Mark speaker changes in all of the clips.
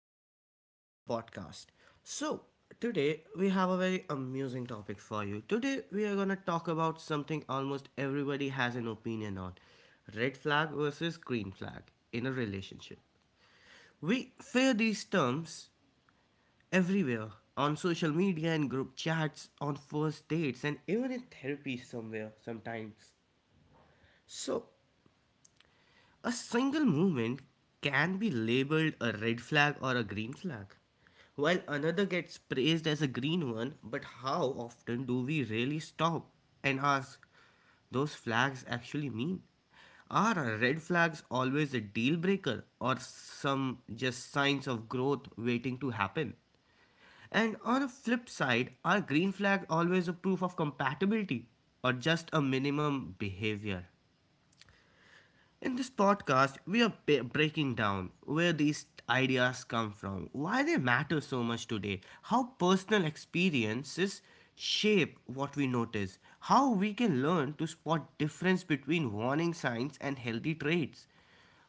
Speaker 1: and welcome to the podcast. So, today we have a very amusing topic for you. Today we are going to talk about something almost everybody has an opinion on: red flag versus green flag in a relationship. We fear these terms everywhere, on social media and group chats, on first dates, and even in therapy somewhere sometimes. So, a single movement can be labeled a red flag or a green flag, while another gets praised as a green one. But how often do we really stop and ask, those flags actually mean? Are our red flags always a deal breaker, or some just signs of growth waiting to happen? And on a flip side, are green flags always a proof of compatibility, or just a minimum behavior? In this podcast, we are breaking down where these ideas come from, why they matter so much today, how personal experiences shape what we notice, how we can learn to spot difference between warning signs and healthy traits,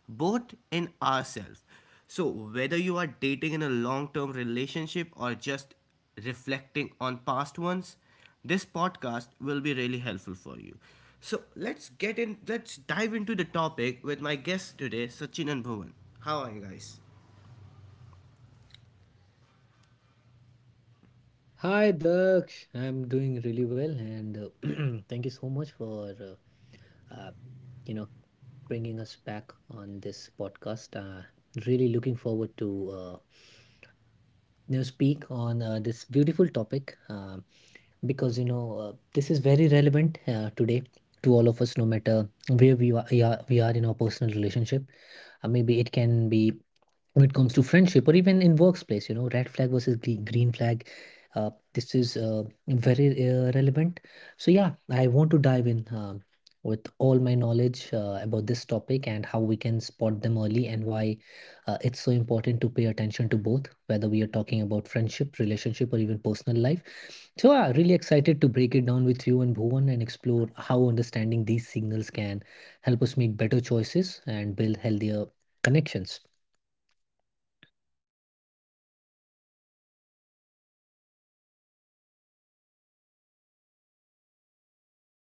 Speaker 1: both in ourselves. So, whether you are dating in a long term relationship or just reflecting on past ones, this podcast will be really helpful for you. So, let's get in, let's dive into the topic with my guest today, Sachin and Bhuvan. How are you guys?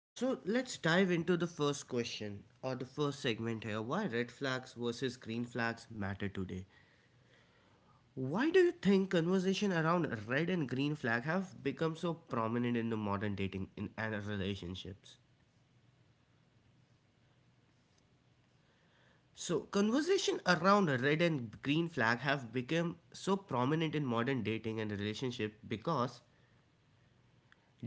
Speaker 1: So, let's dive into the first question or the first segment here: why red flags versus green flags matter today. Why do you think conversation around red and green flag have become so prominent in the modern dating and relationships? So, conversation around red and green flag have become so prominent in modern dating and relationship because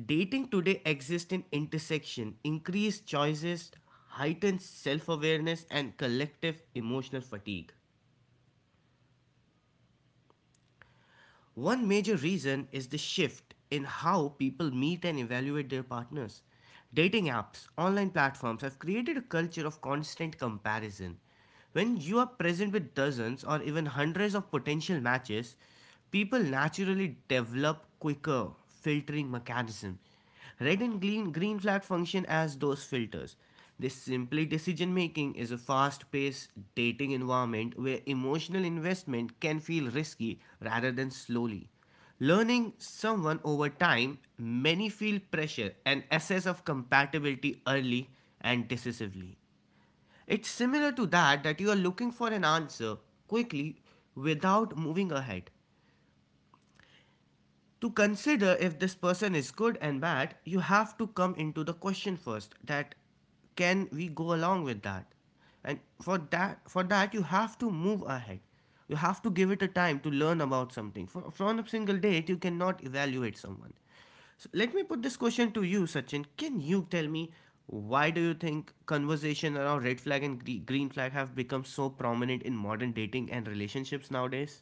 Speaker 1: dating today exists in intersection, increased choices, heightened self-awareness, and collective emotional fatigue. One major reason is the shift in how people meet and evaluate their partners. Dating apps, online platforms have created a culture of constant comparison. When you are present with dozens or even hundreds of potential matches, people naturally develop quicker filtering mechanism. Red and green flag function as those filters. This simply decision making is a fast paced dating environment where emotional investment can feel risky rather than slowly. Learning someone over time, many feel pressure and assess of compatibility early and decisively. It's similar to that you are looking for an answer quickly without moving ahead to consider if this person is good and bad, you have to come into the question first, that can we go along with that? And for that you have to move ahead. You have to give it a time to learn about something. For, from a single date, you cannot evaluate someone. So let me put this question to you, Sachin. Can you tell me, why do you think conversation around red flag and green flag have become so prominent in modern dating and relationships nowadays?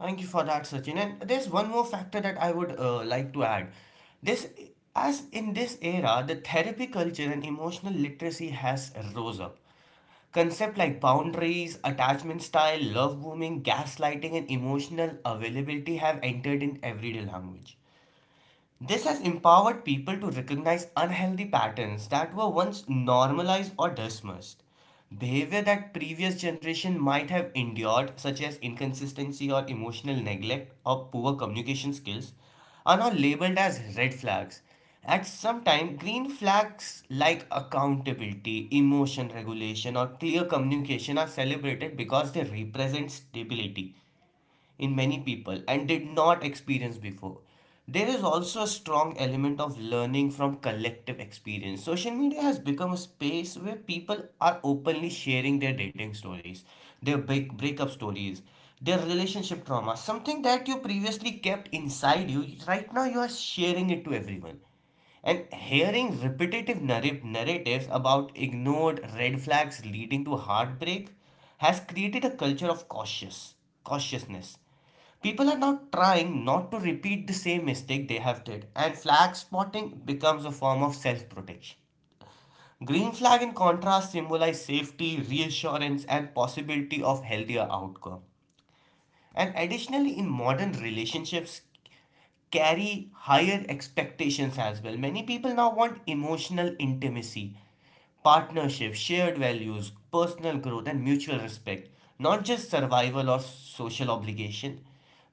Speaker 1: Thank you for that, Sachin. And there's one more factor that I would like to add. This, as in this era, the therapy culture and emotional literacy has rose up. Concept like boundaries, attachment style, love booming, gaslighting, and emotional availability have entered in everyday language. This has empowered people to recognize unhealthy patterns that were once normalized or dismissed. Behavior that previous generation might have endured, such as inconsistency or emotional neglect or poor communication skills, are now labeled as red flags. At some time, green flags like accountability, emotion regulation, or clear communication are celebrated because they represent stability in many people and did not experience before. There is also a strong element of learning from collective experience. Social media has become a space where people are openly sharing their dating stories, their breakup stories, their relationship trauma, something that you previously kept inside you, right now you are sharing it to everyone. And hearing repetitive narratives about ignored red flags leading to heartbreak has created a culture of cautiousness. People are now trying not to repeat the same mistake they have did, and flag spotting becomes a form of self-protection. Green flag, in contrast, symbolize safety, reassurance, and possibility of healthier outcome. And additionally, in modern relationships, carry higher expectations as well. Many people now want emotional intimacy, partnership, shared values, personal growth, and mutual respect, not just survival or social obligation.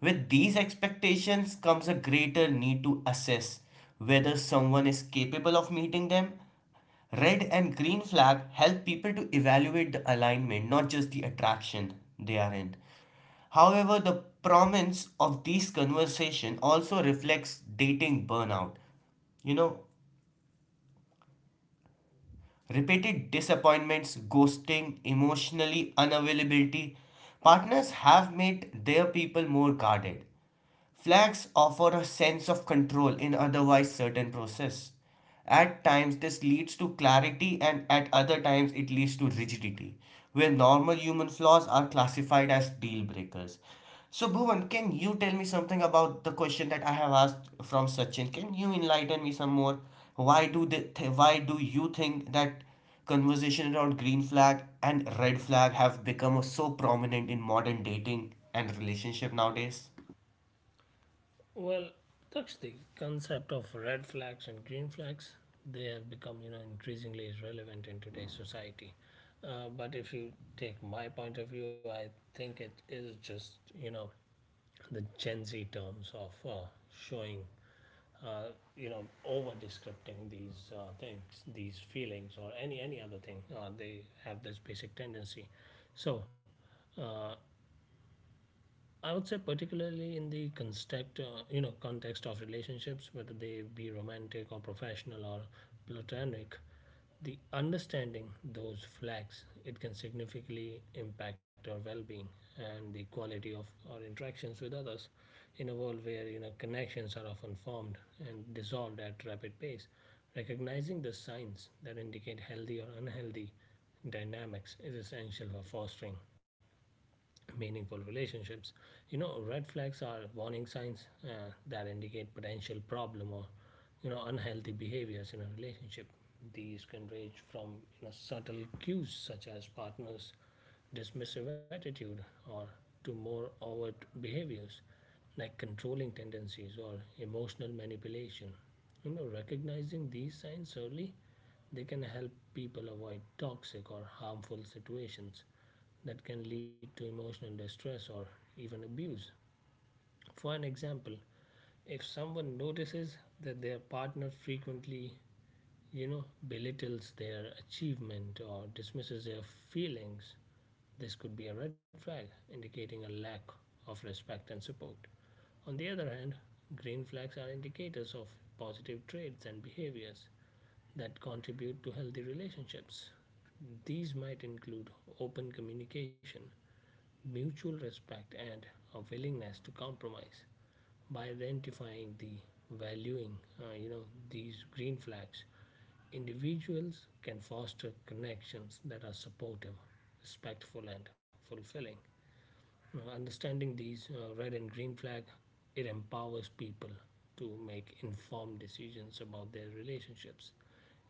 Speaker 1: With these expectations comes a greater need to assess whether someone is capable of meeting them. Red and green flag help people to evaluate the alignment, not just the attraction they are in. However, the prominence of these conversation also reflects dating burnout. You know, repeated disappointments, ghosting, emotionally unavailability. Partners have made their people more guarded. Flags offer a sense of control in otherwise certain process. At times this leads to clarity, and at other times it leads to rigidity, where normal human flaws are classified as deal breakers. So Bhuvan, can you tell me something about the question that I have asked from Sachin? Can you enlighten me some more? Why do you think that conversation around green flag and red flag have become so prominent in modern dating and relationship nowadays?
Speaker 2: Well, that's the concept of red flags and green flags. They have become increasingly relevant in today's society. But if you take my point of view, I think it is just, you know, the Gen Z terms of showing, uh, over descripting these things, these feelings, or any other thing. They have this basic tendency. So, uh, I would say particularly in the context, context of relationships, whether they be romantic or professional or platonic, the understanding those flags it can significantly impact our well-being and the quality of our interactions with others. In a world where connections are often formed and dissolved at rapid pace, recognizing the signs that indicate healthy or unhealthy dynamics is essential for fostering meaningful relationships. Red flags are warning signs that indicate potential problem or unhealthy behaviors in a relationship. These can range from subtle cues such as partners' dismissive attitude or to more overt behaviors like controlling tendencies or emotional manipulation. Recognizing these signs early, they can help people avoid toxic or harmful situations that can lead to emotional distress or even abuse. For an example, if someone notices that their partner frequently belittles their achievement or dismisses their feelings, this could be a red flag indicating a lack of respect and support. On the other hand, green flags are indicators of positive traits and behaviors that contribute to healthy relationships. These might include open communication, mutual respect, and a willingness to compromise. By identifying the valuing, these green flags, individuals can foster connections that are supportive, respectful, and fulfilling. Understanding these red and green flag, it empowers people to make informed decisions about their relationships.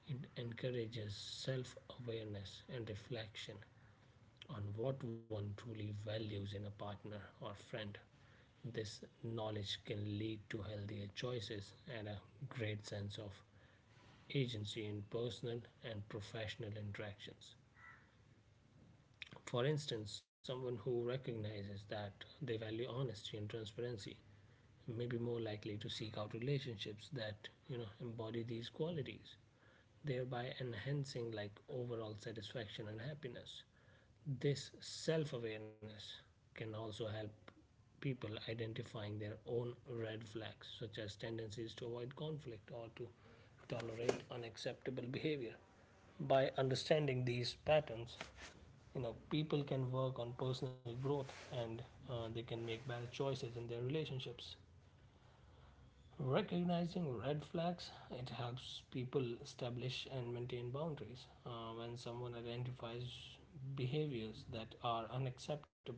Speaker 2: It encourages self-awareness and reflection on what one truly values in a partner or friend. This knowledge can lead to healthier choices and a great sense of agency in personal and professional interactions. For instance, someone who recognizes that they value honesty and transparency may be more likely to seek out relationships that embody these qualities, thereby enhancing like overall satisfaction and happiness. This self-awareness can also help people identifying their own red flags, such as tendencies to avoid conflict or to tolerate unacceptable behavior. By understanding these patterns, people can work on personal growth and they can make better choices in their relationships. Recognizing red flags, it helps people establish and maintain boundaries. When someone identifies behaviors that are unacceptable,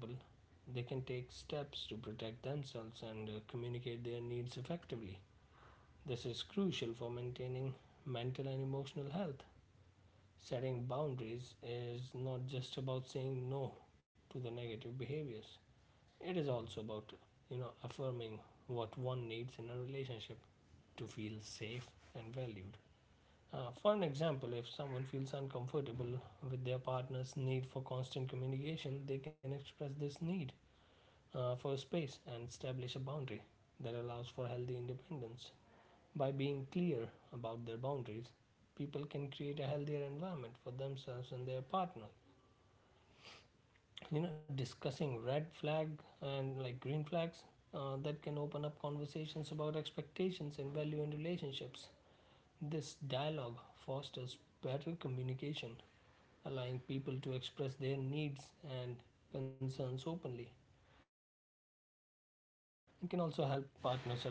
Speaker 2: they can take steps to protect themselves and communicate their needs effectively. This is crucial for maintaining mental and emotional health. Setting boundaries is not just about saying no to the negative behaviors, it is also about affirming what one needs in a relationship to feel safe and valued. For an example, if someone feels uncomfortable with their partner's need for constant communication, they can express this need for space and establish a boundary that allows for healthy independence. By being clear about their boundaries, people can create a healthier environment for themselves and their partners. Discussing red flag and like green flags that can open up conversations about expectations and value in relationships. This dialogue fosters better communication, allowing people to express their needs and concerns openly. It can also help partners align their goals and values,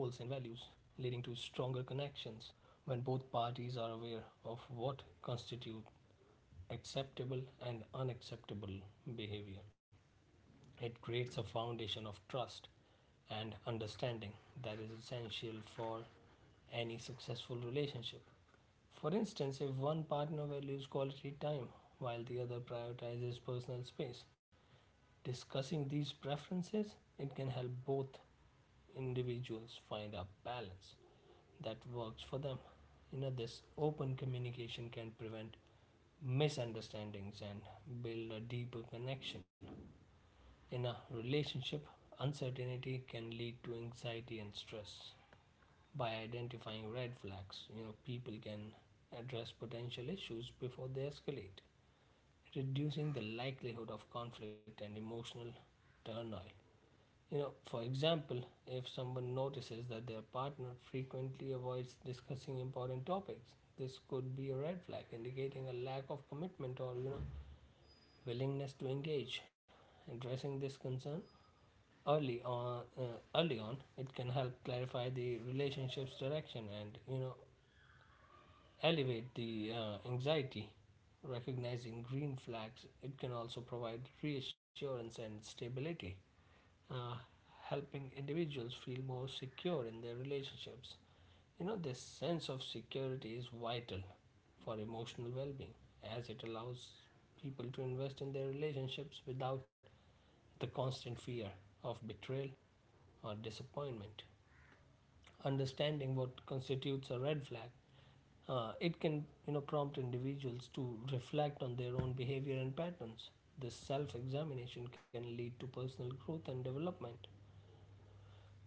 Speaker 2: leading to stronger connections. When both parties are aware of what constitute acceptable and unacceptable behavior, it creates a foundation of trust and understanding that is essential for any successful relationship. For instance, if one partner values quality time while the other prioritizes personal space, discussing these preferences, it can help both individuals find a balance that works for them. This open communication can prevent misunderstandings and build a deeper connection. In a relationship, uncertainty can lead to anxiety and stress. By identifying red flags, people can address potential issues before they escalate, reducing the likelihood of conflict and emotional turmoil. For example, if someone notices that their partner frequently avoids discussing important topics, this could be a red flag indicating a lack of commitment or willingness to engage. Addressing this concern early on, uh, early on, it can help clarify the relationship's direction and elevate the anxiety. Recognizing green flags, it can also provide reassurance and stability, uh, helping individuals feel more secure in their relationships. This sense of security is vital for emotional well being, as it allows people to invest in their relationships without the constant fear of betrayal or disappointment. Understanding what constitutes a red flag, it can prompt individuals to reflect on their own behavior and patterns. This self-examination can lead to personal growth and development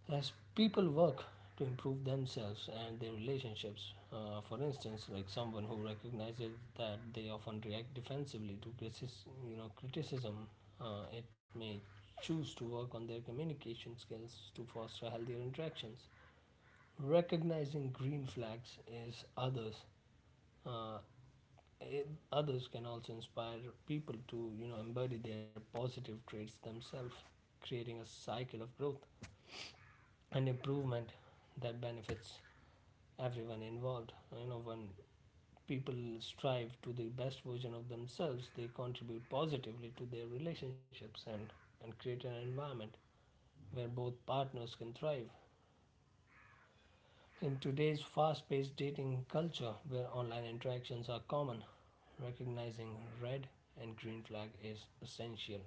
Speaker 2: as people work to improve themselves and their relationships. For instance, like someone who recognizes that they often react defensively to crisis, you know criticism, it may choose to work on their communication skills to foster healthier interactions. Recognizing green flags is uh, others can also inspire people to embody their positive traits themselves, creating a cycle of growth and improvement that benefits everyone involved. When people strive to the best version of themselves, they contribute positively to their relationships and create an environment where both partners can thrive. In today's fast paced dating culture where online interactions are common, recognizing red and green flag is essential.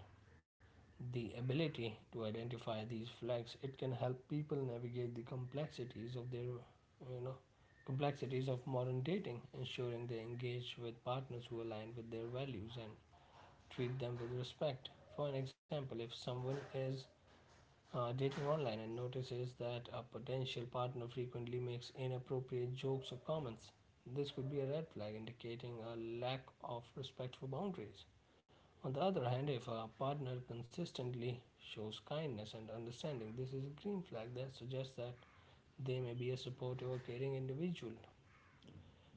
Speaker 2: The ability to identify these flags it can help people navigate the complexities of their you know complexities of modern dating, ensuring they engage with partners who align with their values and treat them with respect. For an example, if someone is dating online and notices that a potential partner frequently makes inappropriate jokes or comments. This could be a red flag indicating a lack of respect for boundaries. On the other hand, if a partner consistently shows kindness and understanding, this is a green flag that suggests that they may be a supportive or caring individual.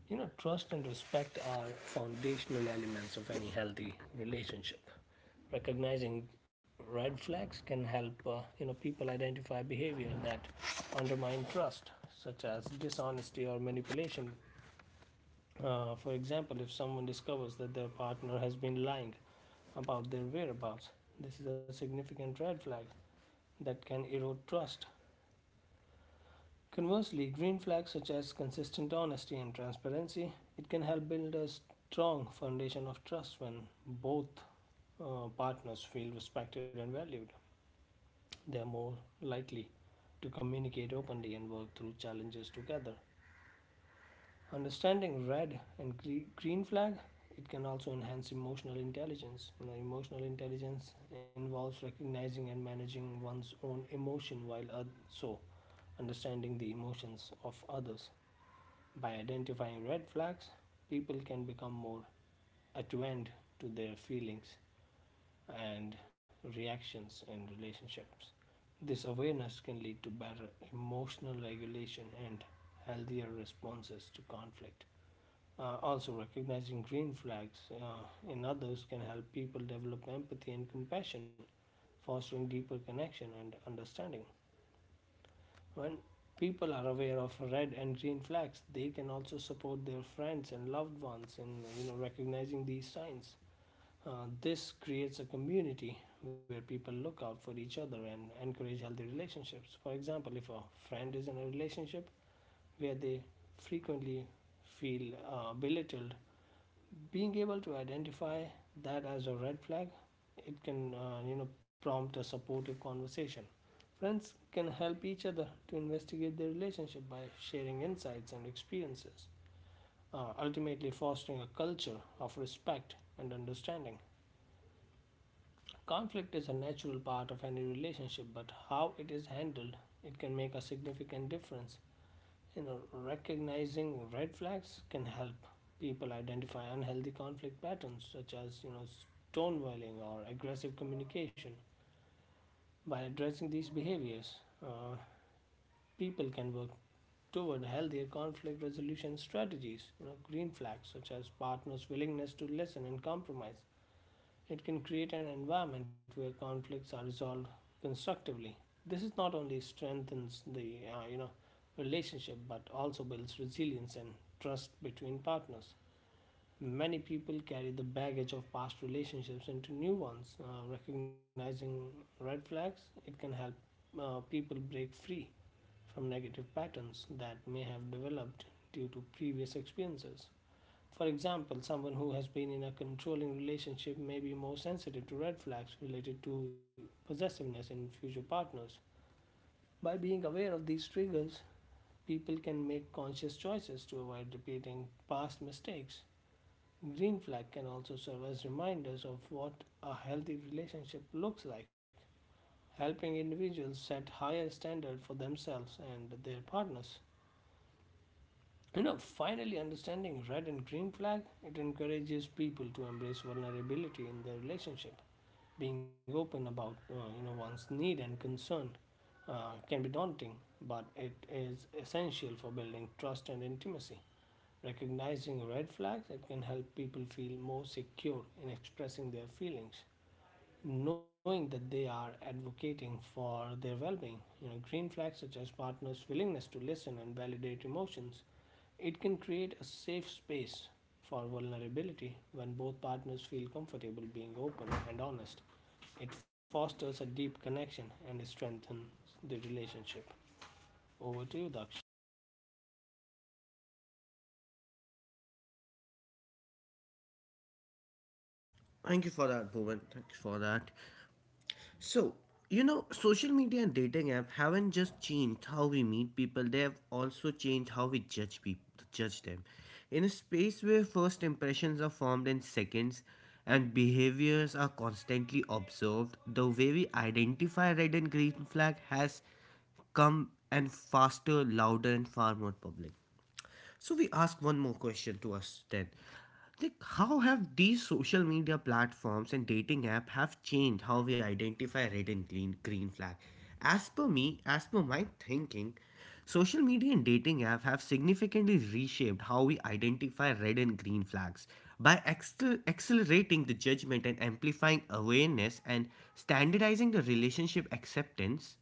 Speaker 2: Trust and respect are foundational elements of any healthy relationship. Recognizing red flags can help, people identify behavior that undermine trust, such as dishonesty or manipulation. For example, if someone discovers that their partner has been lying about their whereabouts, this is a significant red flag that can erode trust. Conversely, green flags such as consistent honesty and transparency, it can help build a strong foundation of trust when both partners feel respected and valued. They are more likely to communicate openly and work through challenges together. Understanding red and green flag, it can also enhance emotional intelligence. Emotional intelligence involves recognizing and managing one's own emotion while so understanding the emotions of others. By identifying red flags, people can become more attuned to their feelings and reactions in relationships. This awareness can lead to better emotional regulation and healthier responses to conflict. Also, recognizing green flags in others can help people develop empathy and compassion, fostering deeper connection and understanding. When people are aware of red and green flags, they can also support their friends and loved ones in recognizing these signs. This creates a community where people look out for each other and encourage healthy relationships. For example, if a friend is in a relationship where they frequently feel belittled, being able to identify that as a red flag, it can prompt a supportive conversation. Friends can help each other to investigate their relationship by sharing insights and experiences, ultimately fostering a culture of respect and understanding. Conflict is a natural part of any relationship, but how it is handled, it can make a significant difference. you know Recognizing red flags can help people identify unhealthy conflict patterns such as stonewalling or aggressive communication. By addressing these behaviors, uh, people can work toward healthier conflict resolution strategies. Green flags such as partners willingness to listen and compromise, it can create an environment where conflicts are resolved constructively. This is not only strengthens the relationship but also builds resilience and trust between partners. Many people carry the baggage of past relationships into new ones. Recognizing red flags, it can help people break free from negative patterns that may have developed due to previous experiences. For example, someone who has been in a controlling relationship may be more sensitive to red flags related to possessiveness in future partners. By being aware of these triggers, people can make conscious choices to avoid repeating past mistakes. Green flag can also serve as reminders of what a healthy relationship looks like, helping individuals set higher standards for themselves and their partners. Finally understanding red and green flag, it encourages people to embrace vulnerability in their relationship. Being open about one's need and concern can be daunting, but it is essential for building trust and intimacy. Recognizing red flags, it can help people feel more secure in expressing their feelings, knowing that they are advocating for their well-being. Green flags such as partners' willingness to listen and validate emotions it can create a safe space for vulnerability when both partners feel comfortable being open and honest. It fosters a deep connection and it strengthens the relationship. Over to you, Daksh.
Speaker 1: Thank you for that, Bhuvan. Thanks for that. So, you know, social media and dating app haven't just changed how we meet people, they have also changed how we judge people judge them. In a space where first impressions are formed in seconds and behaviors are constantly observed, the way we identify red and green flag has come and faster, louder, and far more public. So we ask one more question to us then. Like, how have these social media platforms and dating app have changed how we identify red and green flag? As per me, as per my thinking, social media and dating app have significantly reshaped how we identify red and green flags by accelerating the judgment and amplifying awareness and standardizing the relationship acceptance.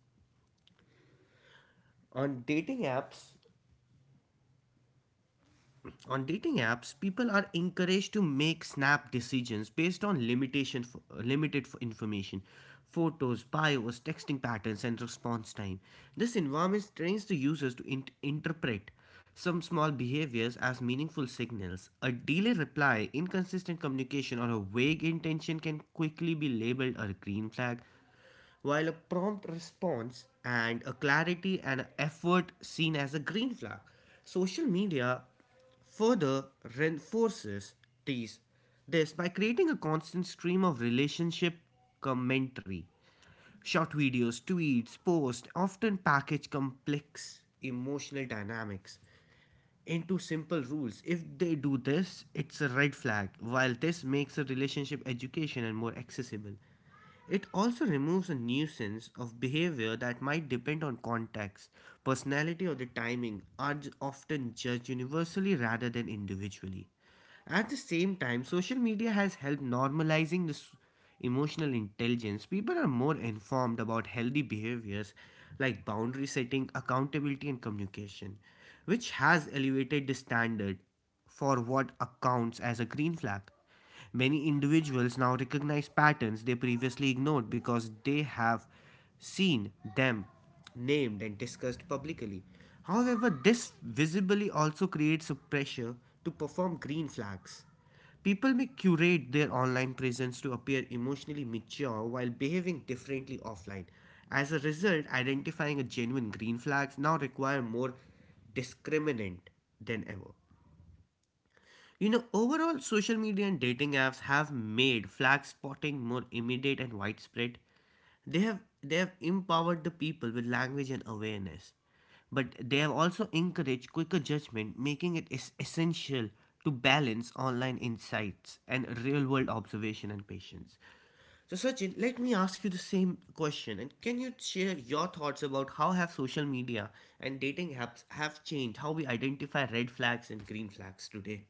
Speaker 1: On dating apps, people are encouraged to make snap decisions based on limitation limited information: photos, bios, texting patterns, and response time. This environment trains the users to interpret some small behaviors as meaningful signals. A delayed reply, inconsistent communication, or a vague intention can quickly be labeled a green flag, while a prompt response and a clarity and effort seen as a green flag. Social media further reinforces these this by creating a constant stream of relationship commentary. Short videos, tweets, posts often package complex emotional dynamics into simple rules. If they do this, it's a red flag. While this makes a relationship education and more accessible, it also removes a nuisance of behavior that might depend on context, personality, or the timing, are often judged universally rather than individually. At the same time, social media has helped normalizing this emotional intelligence. People are more informed about healthy behaviors like boundary setting, accountability, and communication, which has elevated the standard for what accounts as a green flag. Many individuals now recognize patterns they previously ignored because they have seen them named and discussed publicly. However, this visibly also creates a pressure to perform green flags. People may curate their online presence to appear emotionally mature while behaving differently offline. As a result, identifying a genuine green flags now require more discriminant than ever. You know, overall, social media and dating apps have made flag spotting more immediate and widespread. They have empowered the people with language and awareness, but they have also encouraged quicker judgment, making it essential to balance online insights and real-world observation and patience. So, Sachin, let me ask you the same question, and can you share your thoughts about how have social media and dating apps have changed how we identify red flags and green flags today?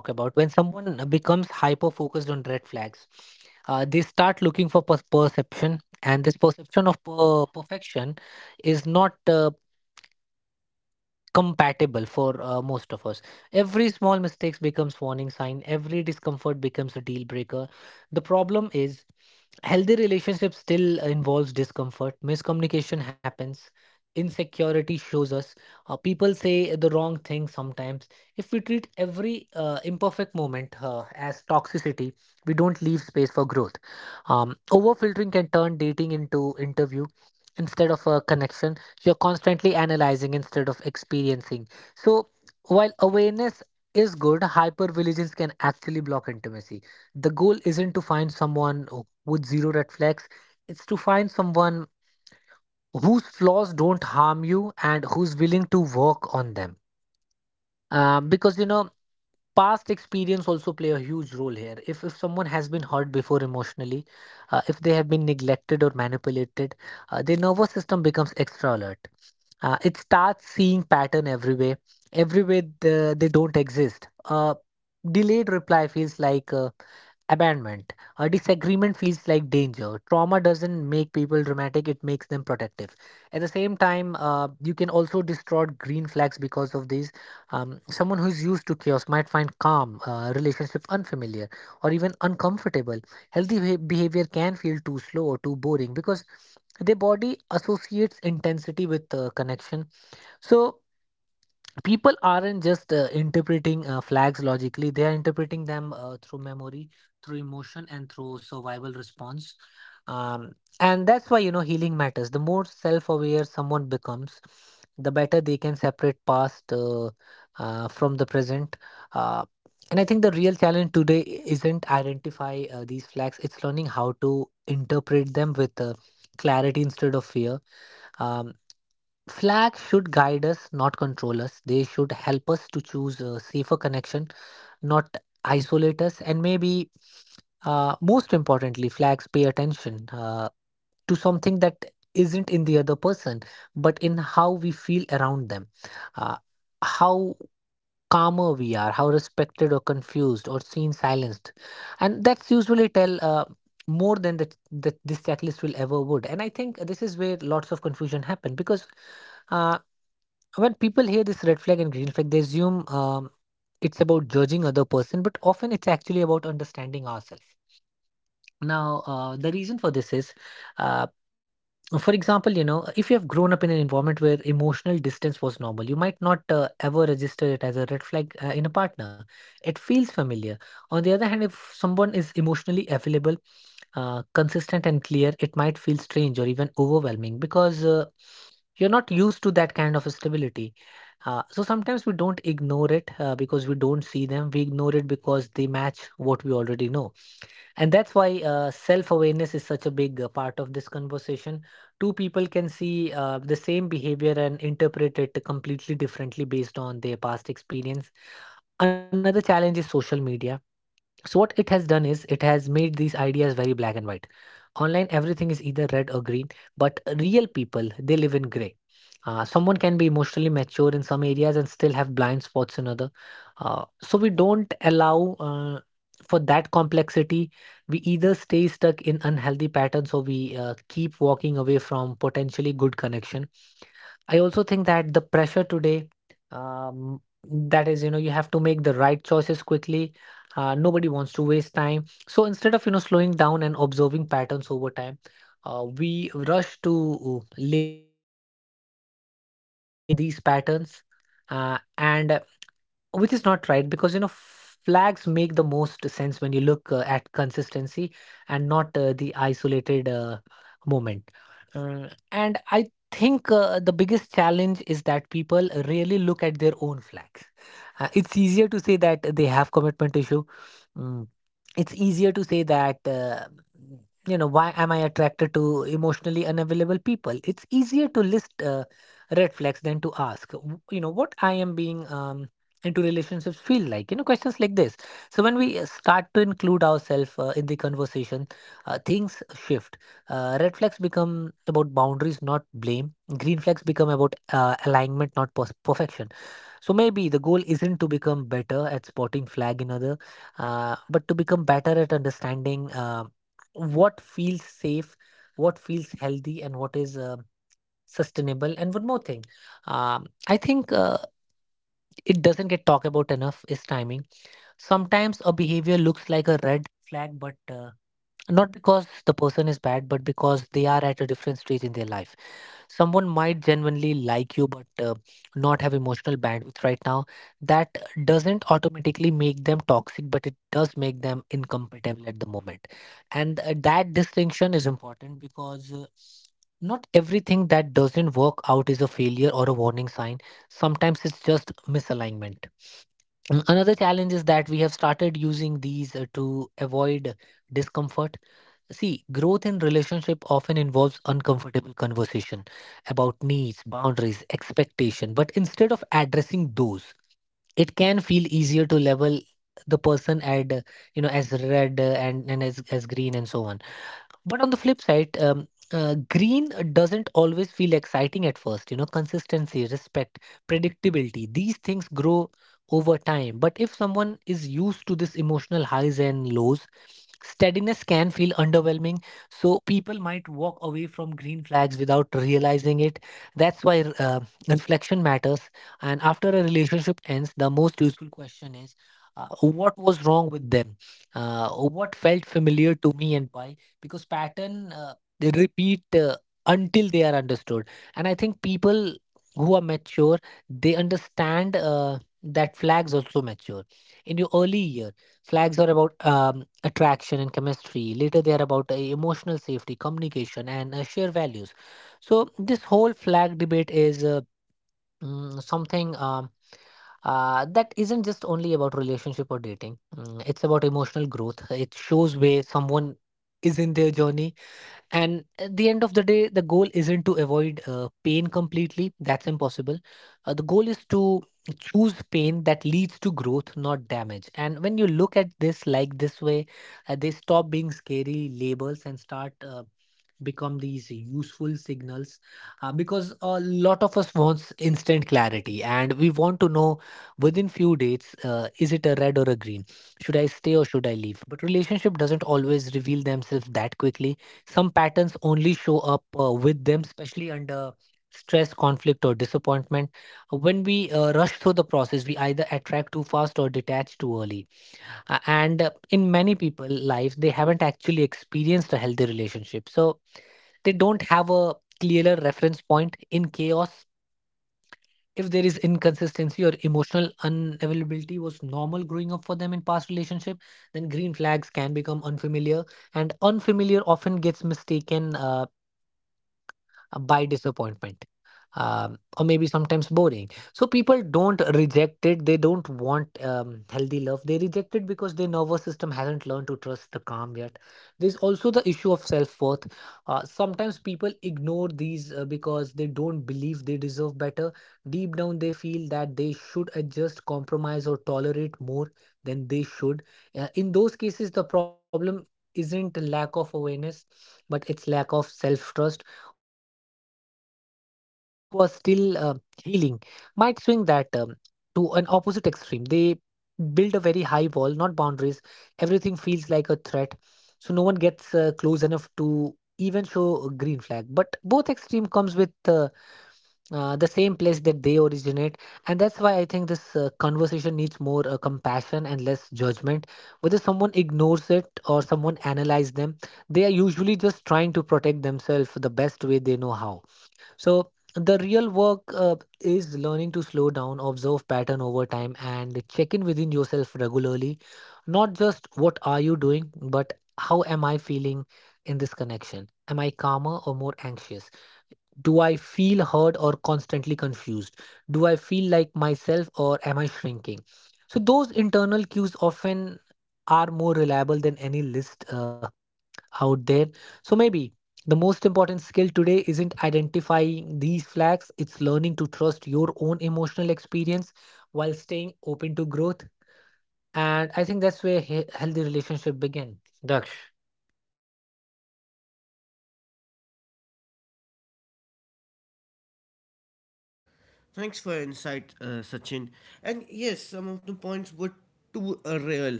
Speaker 1: Thanks for your insight, Sachin. And yes, some of the points were too real.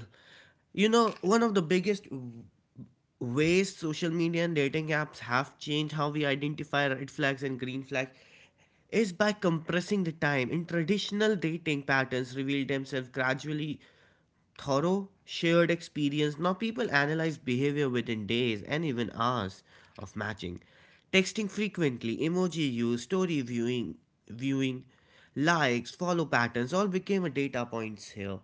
Speaker 1: You know, one of the biggest ways social media and dating apps have changed how we identify red flags and green flags is by compressing the time. In traditional dating, patterns reveal themselves gradually thorough shared experience. Now people analyze behavior within days and even hours of matching. Texting frequently, emoji use, story viewing, likes, follow patterns all became a data points here.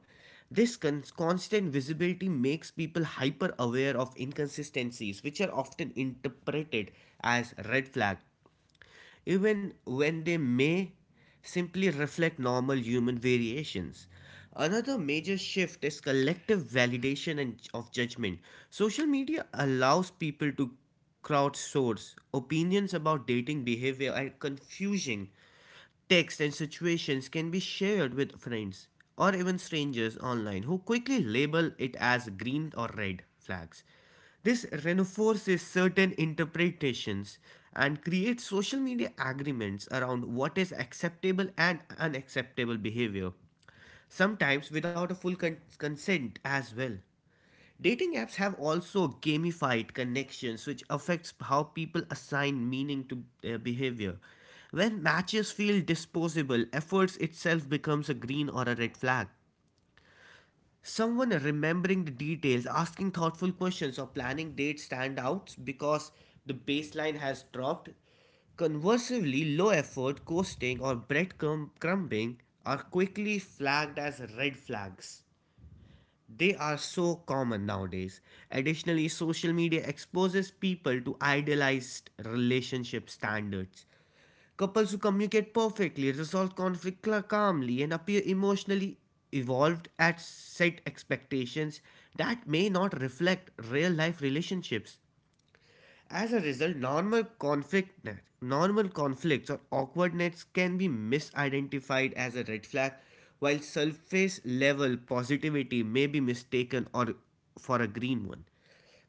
Speaker 1: This constant visibility makes people hyper aware of inconsistencies which are often interpreted as red flag, even when they may simply reflect normal human variations. Another major shift is collective validation and of judgment. Social media allows people to crowdsource opinions about dating behavior, and confusing texts and situations can be shared with friends or even strangers online, who quickly label it as green or red flags. This reinforces certain interpretations and creates social media agreements around what is acceptable and unacceptable behavior, sometimes without a full consent as well. Dating apps have also gamified connections, which affects how people assign meaning to their behavior. When matches feel disposable, efforts itself becomes a green or a red flag. Someone remembering the details, asking thoughtful questions, or planning dates stand out because the baseline has dropped. Conversely, low effort, coasting, or breadcrumb crumbing are quickly flagged as red flags. They are so common nowadays. Additionally, social media exposes people to idealized relationship standards. Couples who communicate perfectly, resolve conflict calmly, and appear emotionally evolved at set expectations that may not reflect real life relationships. As a result, normal conflict, normal conflicts or awkwardness can be misidentified as a red flag, while surface level positivity may be mistaken or for a green one.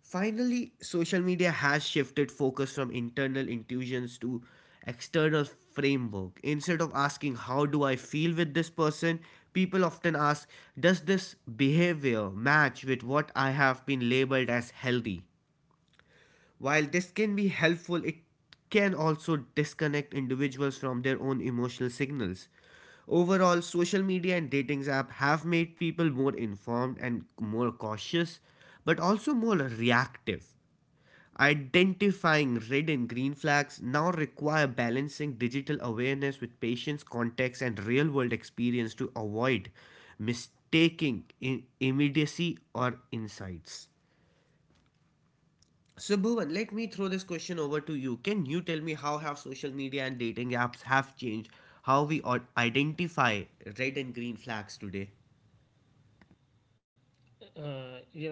Speaker 1: Finally, social media has shifted focus from internal intuitions to external framework. Instead of asking how do I feel with this person, people often ask does this behavior match with what I have been labeled as healthy? While this can be helpful, it can also disconnect individuals from their own emotional signals. Overall, social media and dating apps have made people more informed and more cautious, but also more reactive. Identifying red and green flags now require balancing digital awareness with patience, context, and real world experience to avoid mistaking in immediacy or insights. So Bhuvan, let me throw this question over to you. Can you tell me how have social media and dating apps have changed how we identify red and green flags today?
Speaker 2: uh, you know,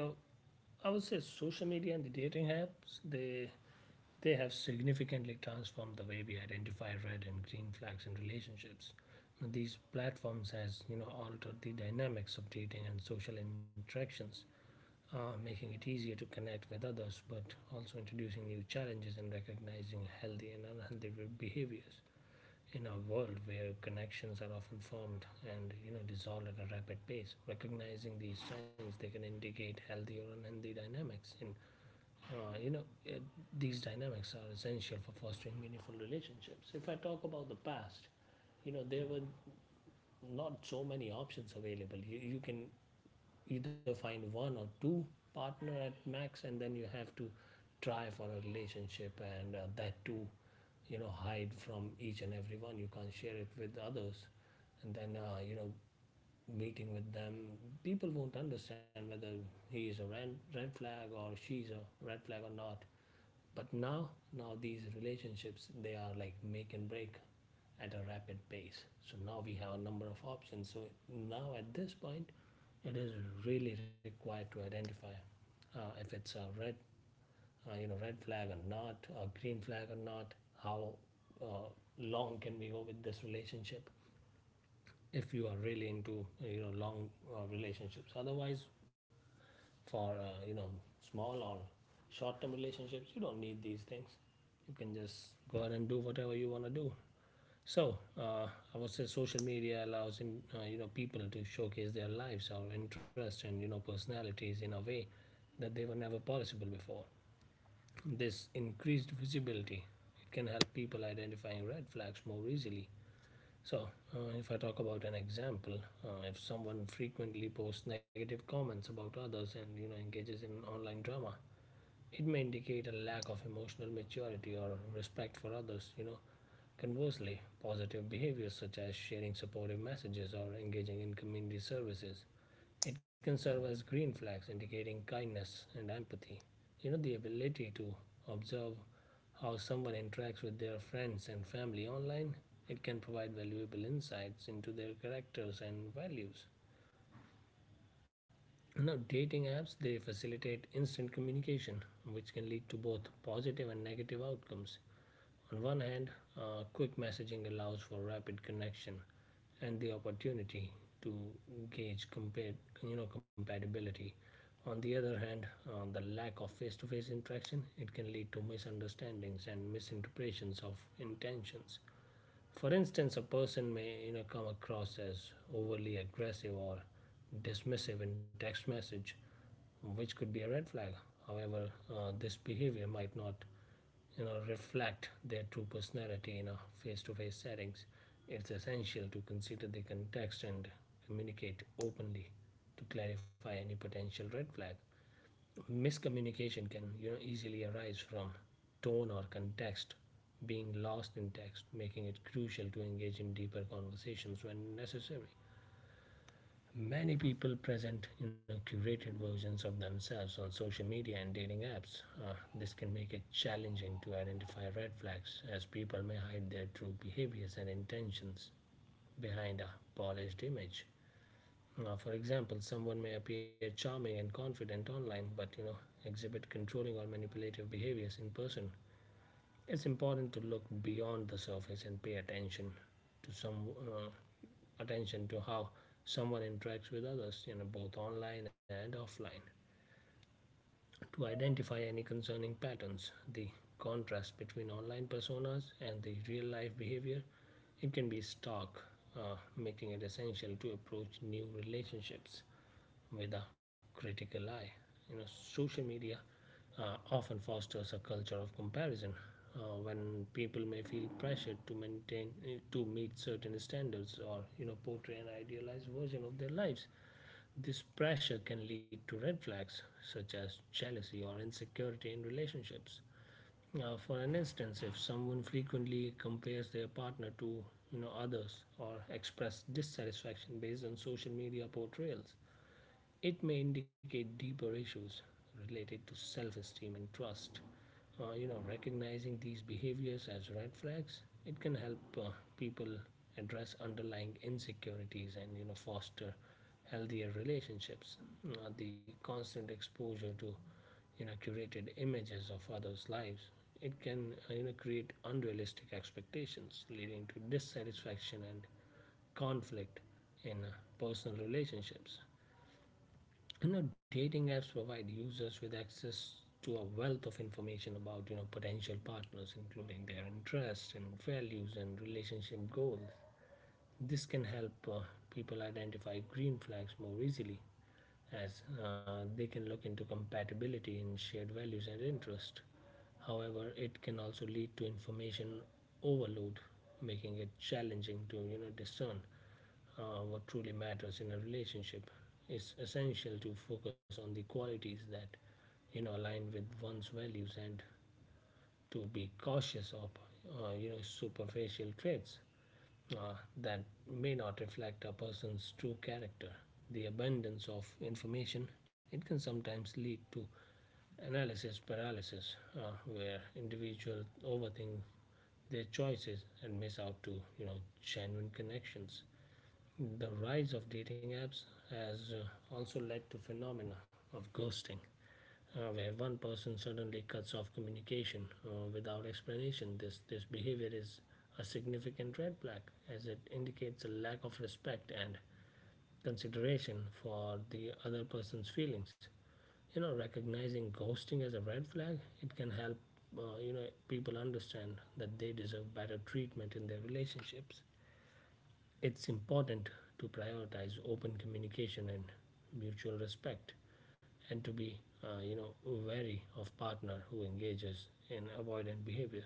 Speaker 2: I would say social media and the dating apps they have significantly transformed the way we identify red and green flags in relationships. These platforms has altered the dynamics of dating and social interactions, making it easier to connect with others, but also introducing new challenges and recognizing healthy and unhealthy behaviors in a world where connections are often formed and dissolved at a rapid pace. Recognizing these signs, they can indicate healthy or unhealthy dynamics. In you know, it, These dynamics are essential for fostering meaningful relationships. If I talk about the past, there were not so many options available. You can either find one or two partner at max, and then you have to try for a relationship, and that too, hide from each and every one. You can't share it with others, and then meeting with them, people won't understand whether he is a red flag or she's a red flag or not. But now, Now these relationships they are like make and break at a rapid pace. So now we have a number of options. So now at this point, it is really required to identify if it's a red flag or not, a green flag or not. How uh, long can we go with this relationship? If you are really into long relationships, otherwise for small or short term relationships you don't need these things. You can just go ahead and do whatever you want to do. so uh, I would say social media allows in, you know people to showcase their lives or interests and personalities in a way that they were never possible before. This increased visibility it can help people identifying red flags more easily. So, if I talk about an example, if someone frequently posts negative comments about others and engages in online drama, it may indicate a lack of emotional maturity or respect for others. Conversely, positive behaviors such as sharing supportive messages or engaging in community services it can serve as green flags indicating kindness and empathy. The ability to observe how someone interacts with their friends and family online. It can provide valuable insights into their characters and values. Now, dating apps they facilitate instant communication, which can lead to both positive and negative outcomes. On one hand, quick messaging allows for rapid connection and the opportunity to gauge compa- compatibility. On the other hand, the lack of face-to-face interaction it can lead to misunderstandings and misinterpretations of intentions. For instance, a person may come across as overly aggressive or dismissive in text message, which could be a red flag. However, this behavior might not reflect their true personality in a face-to-face settings. It's essential to consider the context and communicate openly to clarify any potential red flag. Miscommunication can, easily arise from tone or context being lost in text, making it crucial to engage in deeper conversations when necessary. Many people present curated versions of themselves on social media and dating apps. This can make it challenging to identify red flags as people may hide their true behaviors and intentions behind a polished image. Now, for example, someone may appear charming and confident online, but, exhibit controlling or manipulative behaviors in person. It's important to look beyond the surface and pay attention to some attention to how someone interacts with others, both online and offline to identify any concerning patterns. The contrast between online personas and the real life behavior. It can be stark, making it essential to approach new relationships with a critical eye. Social media often fosters a culture of comparison when people may feel pressured to maintain to meet certain standards or portray an idealized version of their lives. This pressure can lead to red flags such as jealousy or insecurity in relationships. Now, for an instance, if someone frequently compares their partner to others or express dissatisfaction based on social media portrayals, it may indicate deeper issues related to self esteem and trust. Recognizing these behaviors as red flags, it can help people address underlying insecurities and, foster healthier relationships. The constant exposure to, curated images of others' lives, it can, create unrealistic expectations, leading to dissatisfaction and conflict in personal relationships. Dating apps provide users with access to a wealth of information about potential partners including their interests and values and relationship goals. This can help people identify green flags more easily as they can look into compatibility in shared values and interest. However, it can also lead to information overload, making it challenging to discern what truly matters in a relationship. It's essential to focus on the qualities that align with one's values and to be cautious of superficial traits that may not reflect a person's true character. The abundance of information it can sometimes lead to analysis paralysis, where individuals overthink their choices and miss out to you know genuine connections. The rise of dating apps has also led to phenomena of ghosting, where one person suddenly cuts off communication without explanation. This behavior is a significant red flag as it indicates a lack of respect and consideration for the other person's feelings. Recognizing ghosting as a red flag, it can help people understand that they deserve better treatment in their relationships. It's important to prioritize open communication and mutual respect and to be wary of partner who engages in avoidant behavior.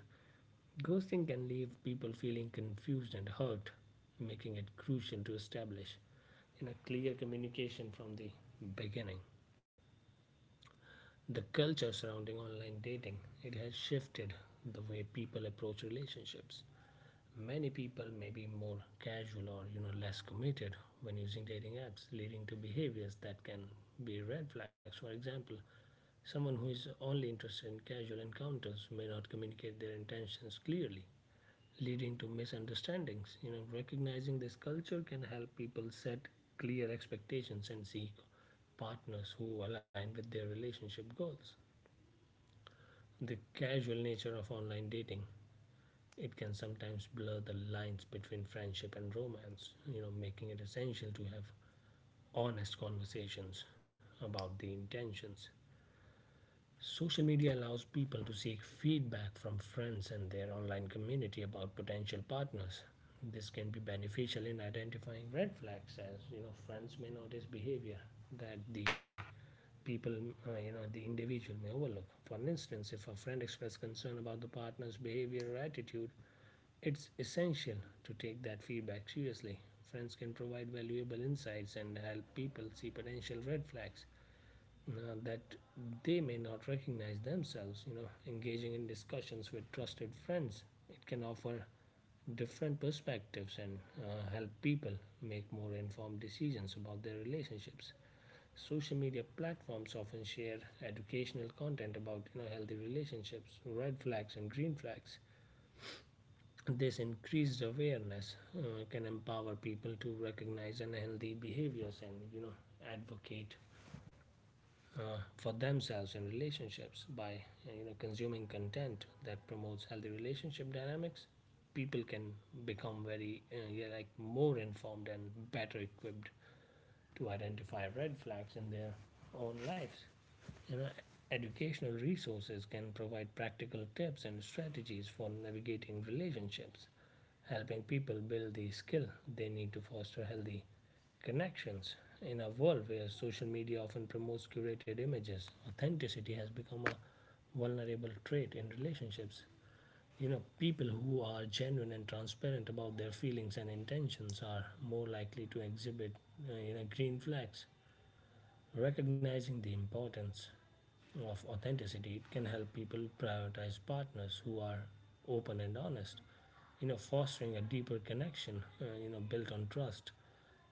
Speaker 2: Ghosting can leave people feeling confused and hurt, making it crucial to establish in a clear communication from the beginning. The culture surrounding online dating, it has shifted the way people approach relationships. Many people may be more casual or less committed when using dating apps, leading to behaviors that can be red flags. For example, someone who is only interested in casual encounters may not communicate their intentions clearly, leading to misunderstandings. Recognizing this culture can help people set clear expectations and seek partners who align with their relationship goals. The casual nature of online dating it can sometimes blur the lines between friendship and romance, making it essential to have honest conversations about the intentions. Social media allows people to seek feedback from friends and their online community about potential partners. This can be beneficial in identifying red flags, as, friends may notice behavior that the people, you know, the individual may overlook. For instance, if a friend expresses concern about the partner's behavior or attitude, it's essential to take that feedback seriously. Friends can provide valuable insights and help people see potential red flags that they may not recognize themselves. Engaging in discussions with trusted friends it can offer different perspectives and help people make more informed decisions about their relationships. Social media platforms often share educational content about healthy relationships, red flags and green flags. This increased awareness can empower people to recognize unhealthy behaviors and advocate for themselves in relationships by consuming content that promotes healthy relationship dynamics. People can become very yeah, like more informed and better equipped to identify red flags in their own lives. You know, Educational resources can provide practical tips and strategies for navigating relationships, helping people build the skill they need to foster healthy connections. In a world where social media often promotes curated images, authenticity has become a vulnerable trait in relationships. People who are genuine and transparent about their feelings and intentions are more likely to exhibit green flags. Recognizing the importance of authenticity it can help people prioritize partners who are open and honest, fostering a deeper connection built on trust.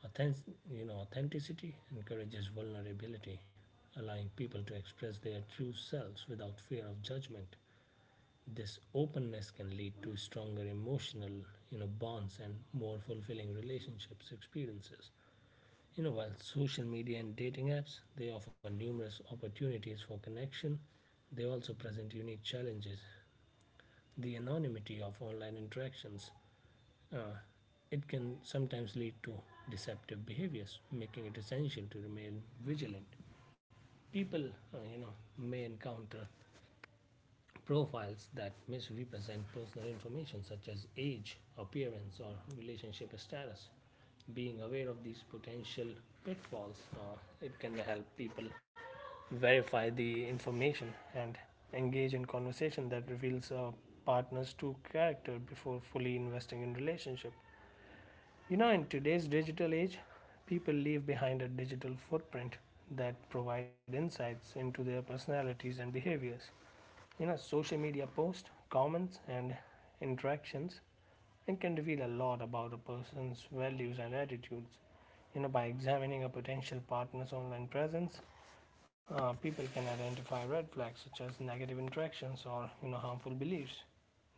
Speaker 2: Authentic, Authenticity encourages vulnerability, allowing people to express their true selves without fear of judgment. This openness can lead to stronger emotional, bonds and more fulfilling relationships experiences. While social media and dating apps they offer numerous opportunities for connection, they also present unique challenges. The anonymity of online interactions uh, it can sometimes lead to deceptive behaviors, making it essential to remain vigilant. People may encounter profiles that misrepresent personal information such as age, appearance, or relationship status. Being aware of these potential pitfalls, it can help people verify the information and engage in conversation that reveals a partner's true character before fully investing in relationship. In today's digital age, people leave behind a digital footprint that provide insights into their personalities and behaviors. Social media posts, comments, and interactions, it can reveal a lot about a person's values and attitudes. By examining a potential partner's online presence, people can identify red flags such as negative interactions or harmful beliefs.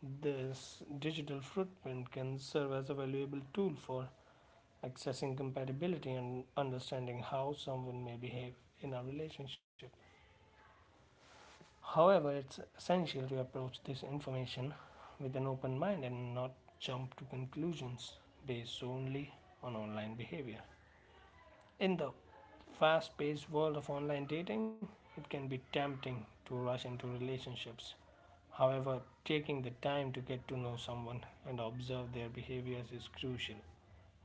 Speaker 2: This digital footprint can serve as a valuable tool for accessing compatibility and understanding how someone may behave in a relationship. However, it's essential to approach this information with an open mind and not jump to conclusions based only on online behavior. In the fast paced world of online dating, it can be tempting to rush into relationships. However, taking the time to get to know someone and observe their behaviors is crucial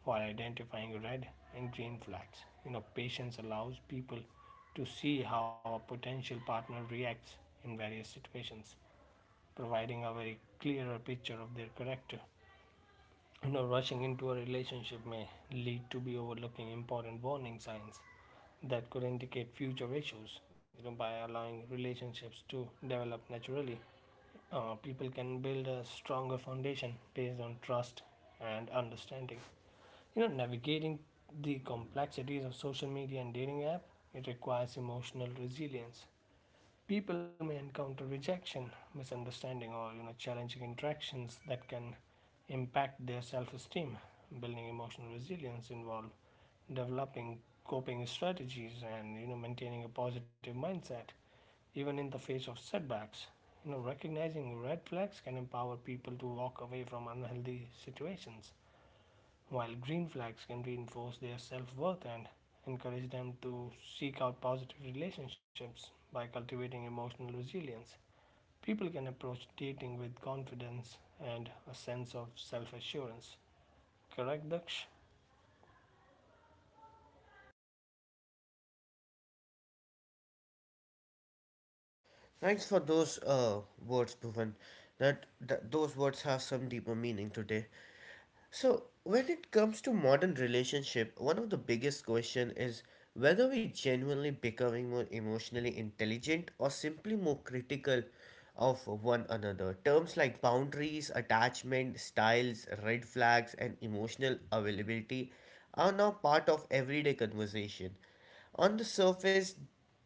Speaker 2: for identifying red and green flags. Patience allows people to see how a potential partner reacts in various situations, providing a very clearer picture of their character. Rushing into a relationship may lead to be overlooking important warning signs that could indicate future issues. By allowing relationships to develop naturally, people can build a stronger foundation based on trust and understanding. Navigating the complexities of social media and dating app it requires emotional resilience. People may encounter rejection, misunderstanding or challenging interactions that can impact their self esteem. Building emotional resilience involves developing coping strategies and maintaining a positive mindset even in the face of setbacks. Recognizing red flags can empower people to walk away from unhealthy situations, while green flags can reinforce their self worth and encourage them to seek out positive relationships by cultivating emotional resilience. People can approach dating with confidence and a sense of self assurance. Correct, Daksh?
Speaker 1: Thanks for those words, Bhuvan. That those words have some deeper meaning today. So, when it comes to modern relationship, one of the biggest question is whether we genuinely becoming more emotionally intelligent or simply more critical of one another. Terms like boundaries, attachment styles, red flags, and emotional availability are now part of everyday conversation. On the surface,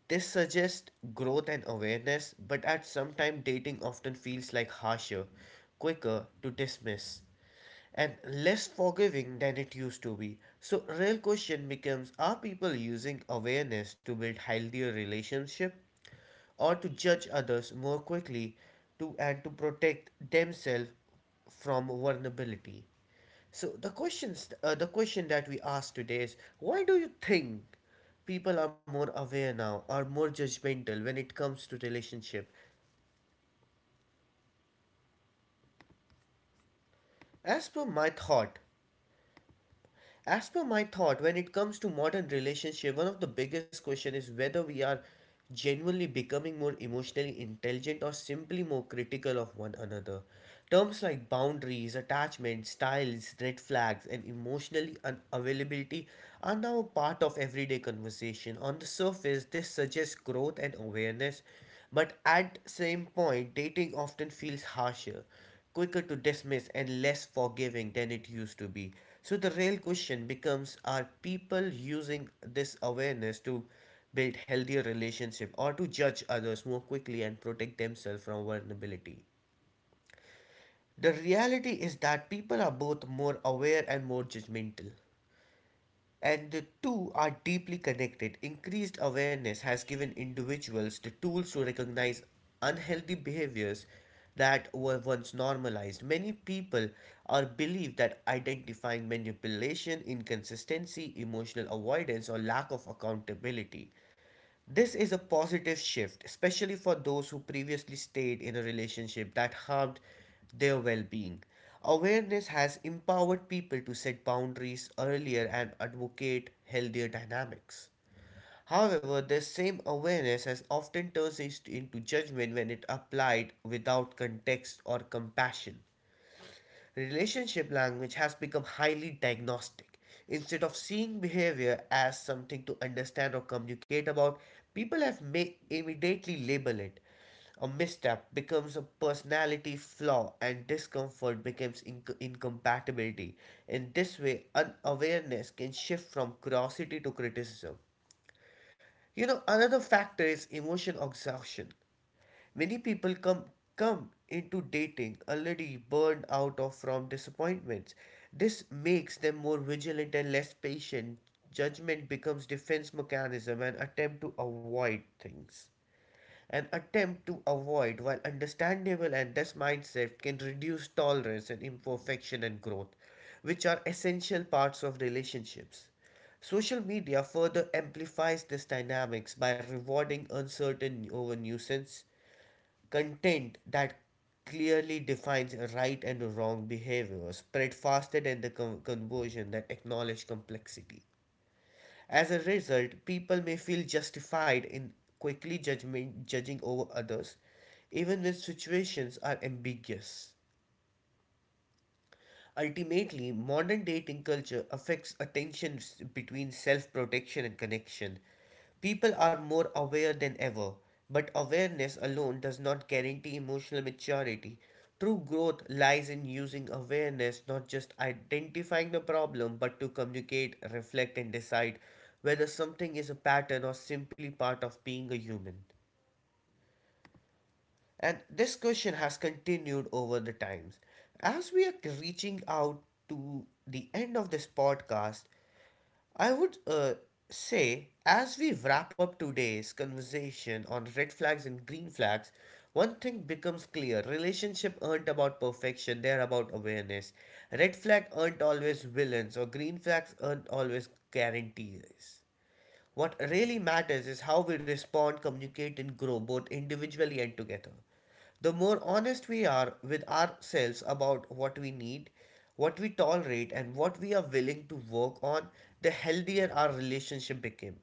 Speaker 1: this suggests growth and awareness, but at some time dating often feels like harsher, quicker to dismiss and less forgiving than it used to be. So real question becomes are people using awareness to build healthier relationship or to judge others more quickly to protect themselves from vulnerability? The question that we ask today is why do you think people are more aware now or more judgmental when it comes to relationship? As per my thought, As per my thought, when it comes to modern relationship, one of the biggest question is whether we are genuinely becoming more emotionally intelligent or simply more critical of one another. Terms like boundaries, attachment styles, red flags, and emotionally unavailability are now a part of everyday conversation. On the surface, this suggests growth and awareness, but at same point, dating often feels harsher, quicker to dismiss and less forgiving than it used to be. So the real question becomes are people using this awareness to build healthier relationship or to judge others more quickly and protect themselves from vulnerability? The reality is that people are both more aware and more judgmental and the two are deeply connected. Increased awareness has given individuals the tools to recognize unhealthy behaviors that were once normalized. Many people are believed that identifying manipulation, inconsistency, emotional avoidance, or lack of accountability this is a positive shift, especially for those who previously stayed in a relationship that harmed their well being. Awareness has empowered people to set boundaries earlier and advocate healthier dynamics. However, this same awareness has often turns into judgment when it applied without context or compassion. Relationship language has become highly diagnostic. Instead of seeing behavior as something to understand or communicate about, people have may immediately label it. A misstep becomes a personality flaw, and discomfort becomes incompatibility. In this way, unawareness can shift from curiosity to criticism. You know, another factor is emotion exhaustion. Many people come into dating already burned out of from disappointments. This makes them more vigilant and less patient. Judgment becomes defense mechanism and attempt to avoid things. An attempt to avoid while understandable and this mindset can reduce tolerance and imperfection and growth, which are essential parts of relationships. Social media further amplifies this dynamics by rewarding uncertain over nuisance content that clearly defines right and wrong behavior, spread faster than the conversion that acknowledge complexity. As a result, people may feel justified in quickly judging over others, even when situations are ambiguous. Ultimately, modern dating culture affects attentions between self protection and connection. People are more aware than ever, but awareness alone does not guarantee emotional maturity. True growth lies in using awareness not just identifying the problem but to communicate, reflect, and decide whether something is a pattern or simply part of being a human. And this question has continued over the times. As we are reaching out to the end of this podcast, I would say, as we wrap up today's conversation on red flags and green flags, one thing becomes clear relationship aren't about perfection, they're about awareness. Red flag aren't always villains, or green flags aren't always guarantees. What really matters is how we respond, communicate, and grow both individually and together. The more honest we are with ourselves about what we need, what we tolerate, and what we are willing to work on, the healthier our relationship became.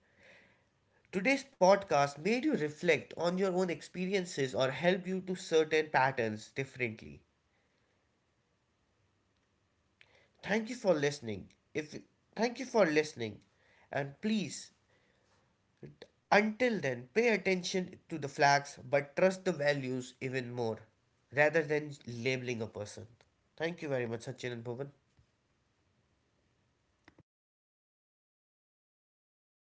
Speaker 1: Today's podcast made you reflect on your own experiences or help you to certain patterns differently. Thank you for listening. If thank you for listening and please Until then, pay attention to the flags but trust the values even more rather than labeling a person. Thank you very much, Sachin and Bhuvan.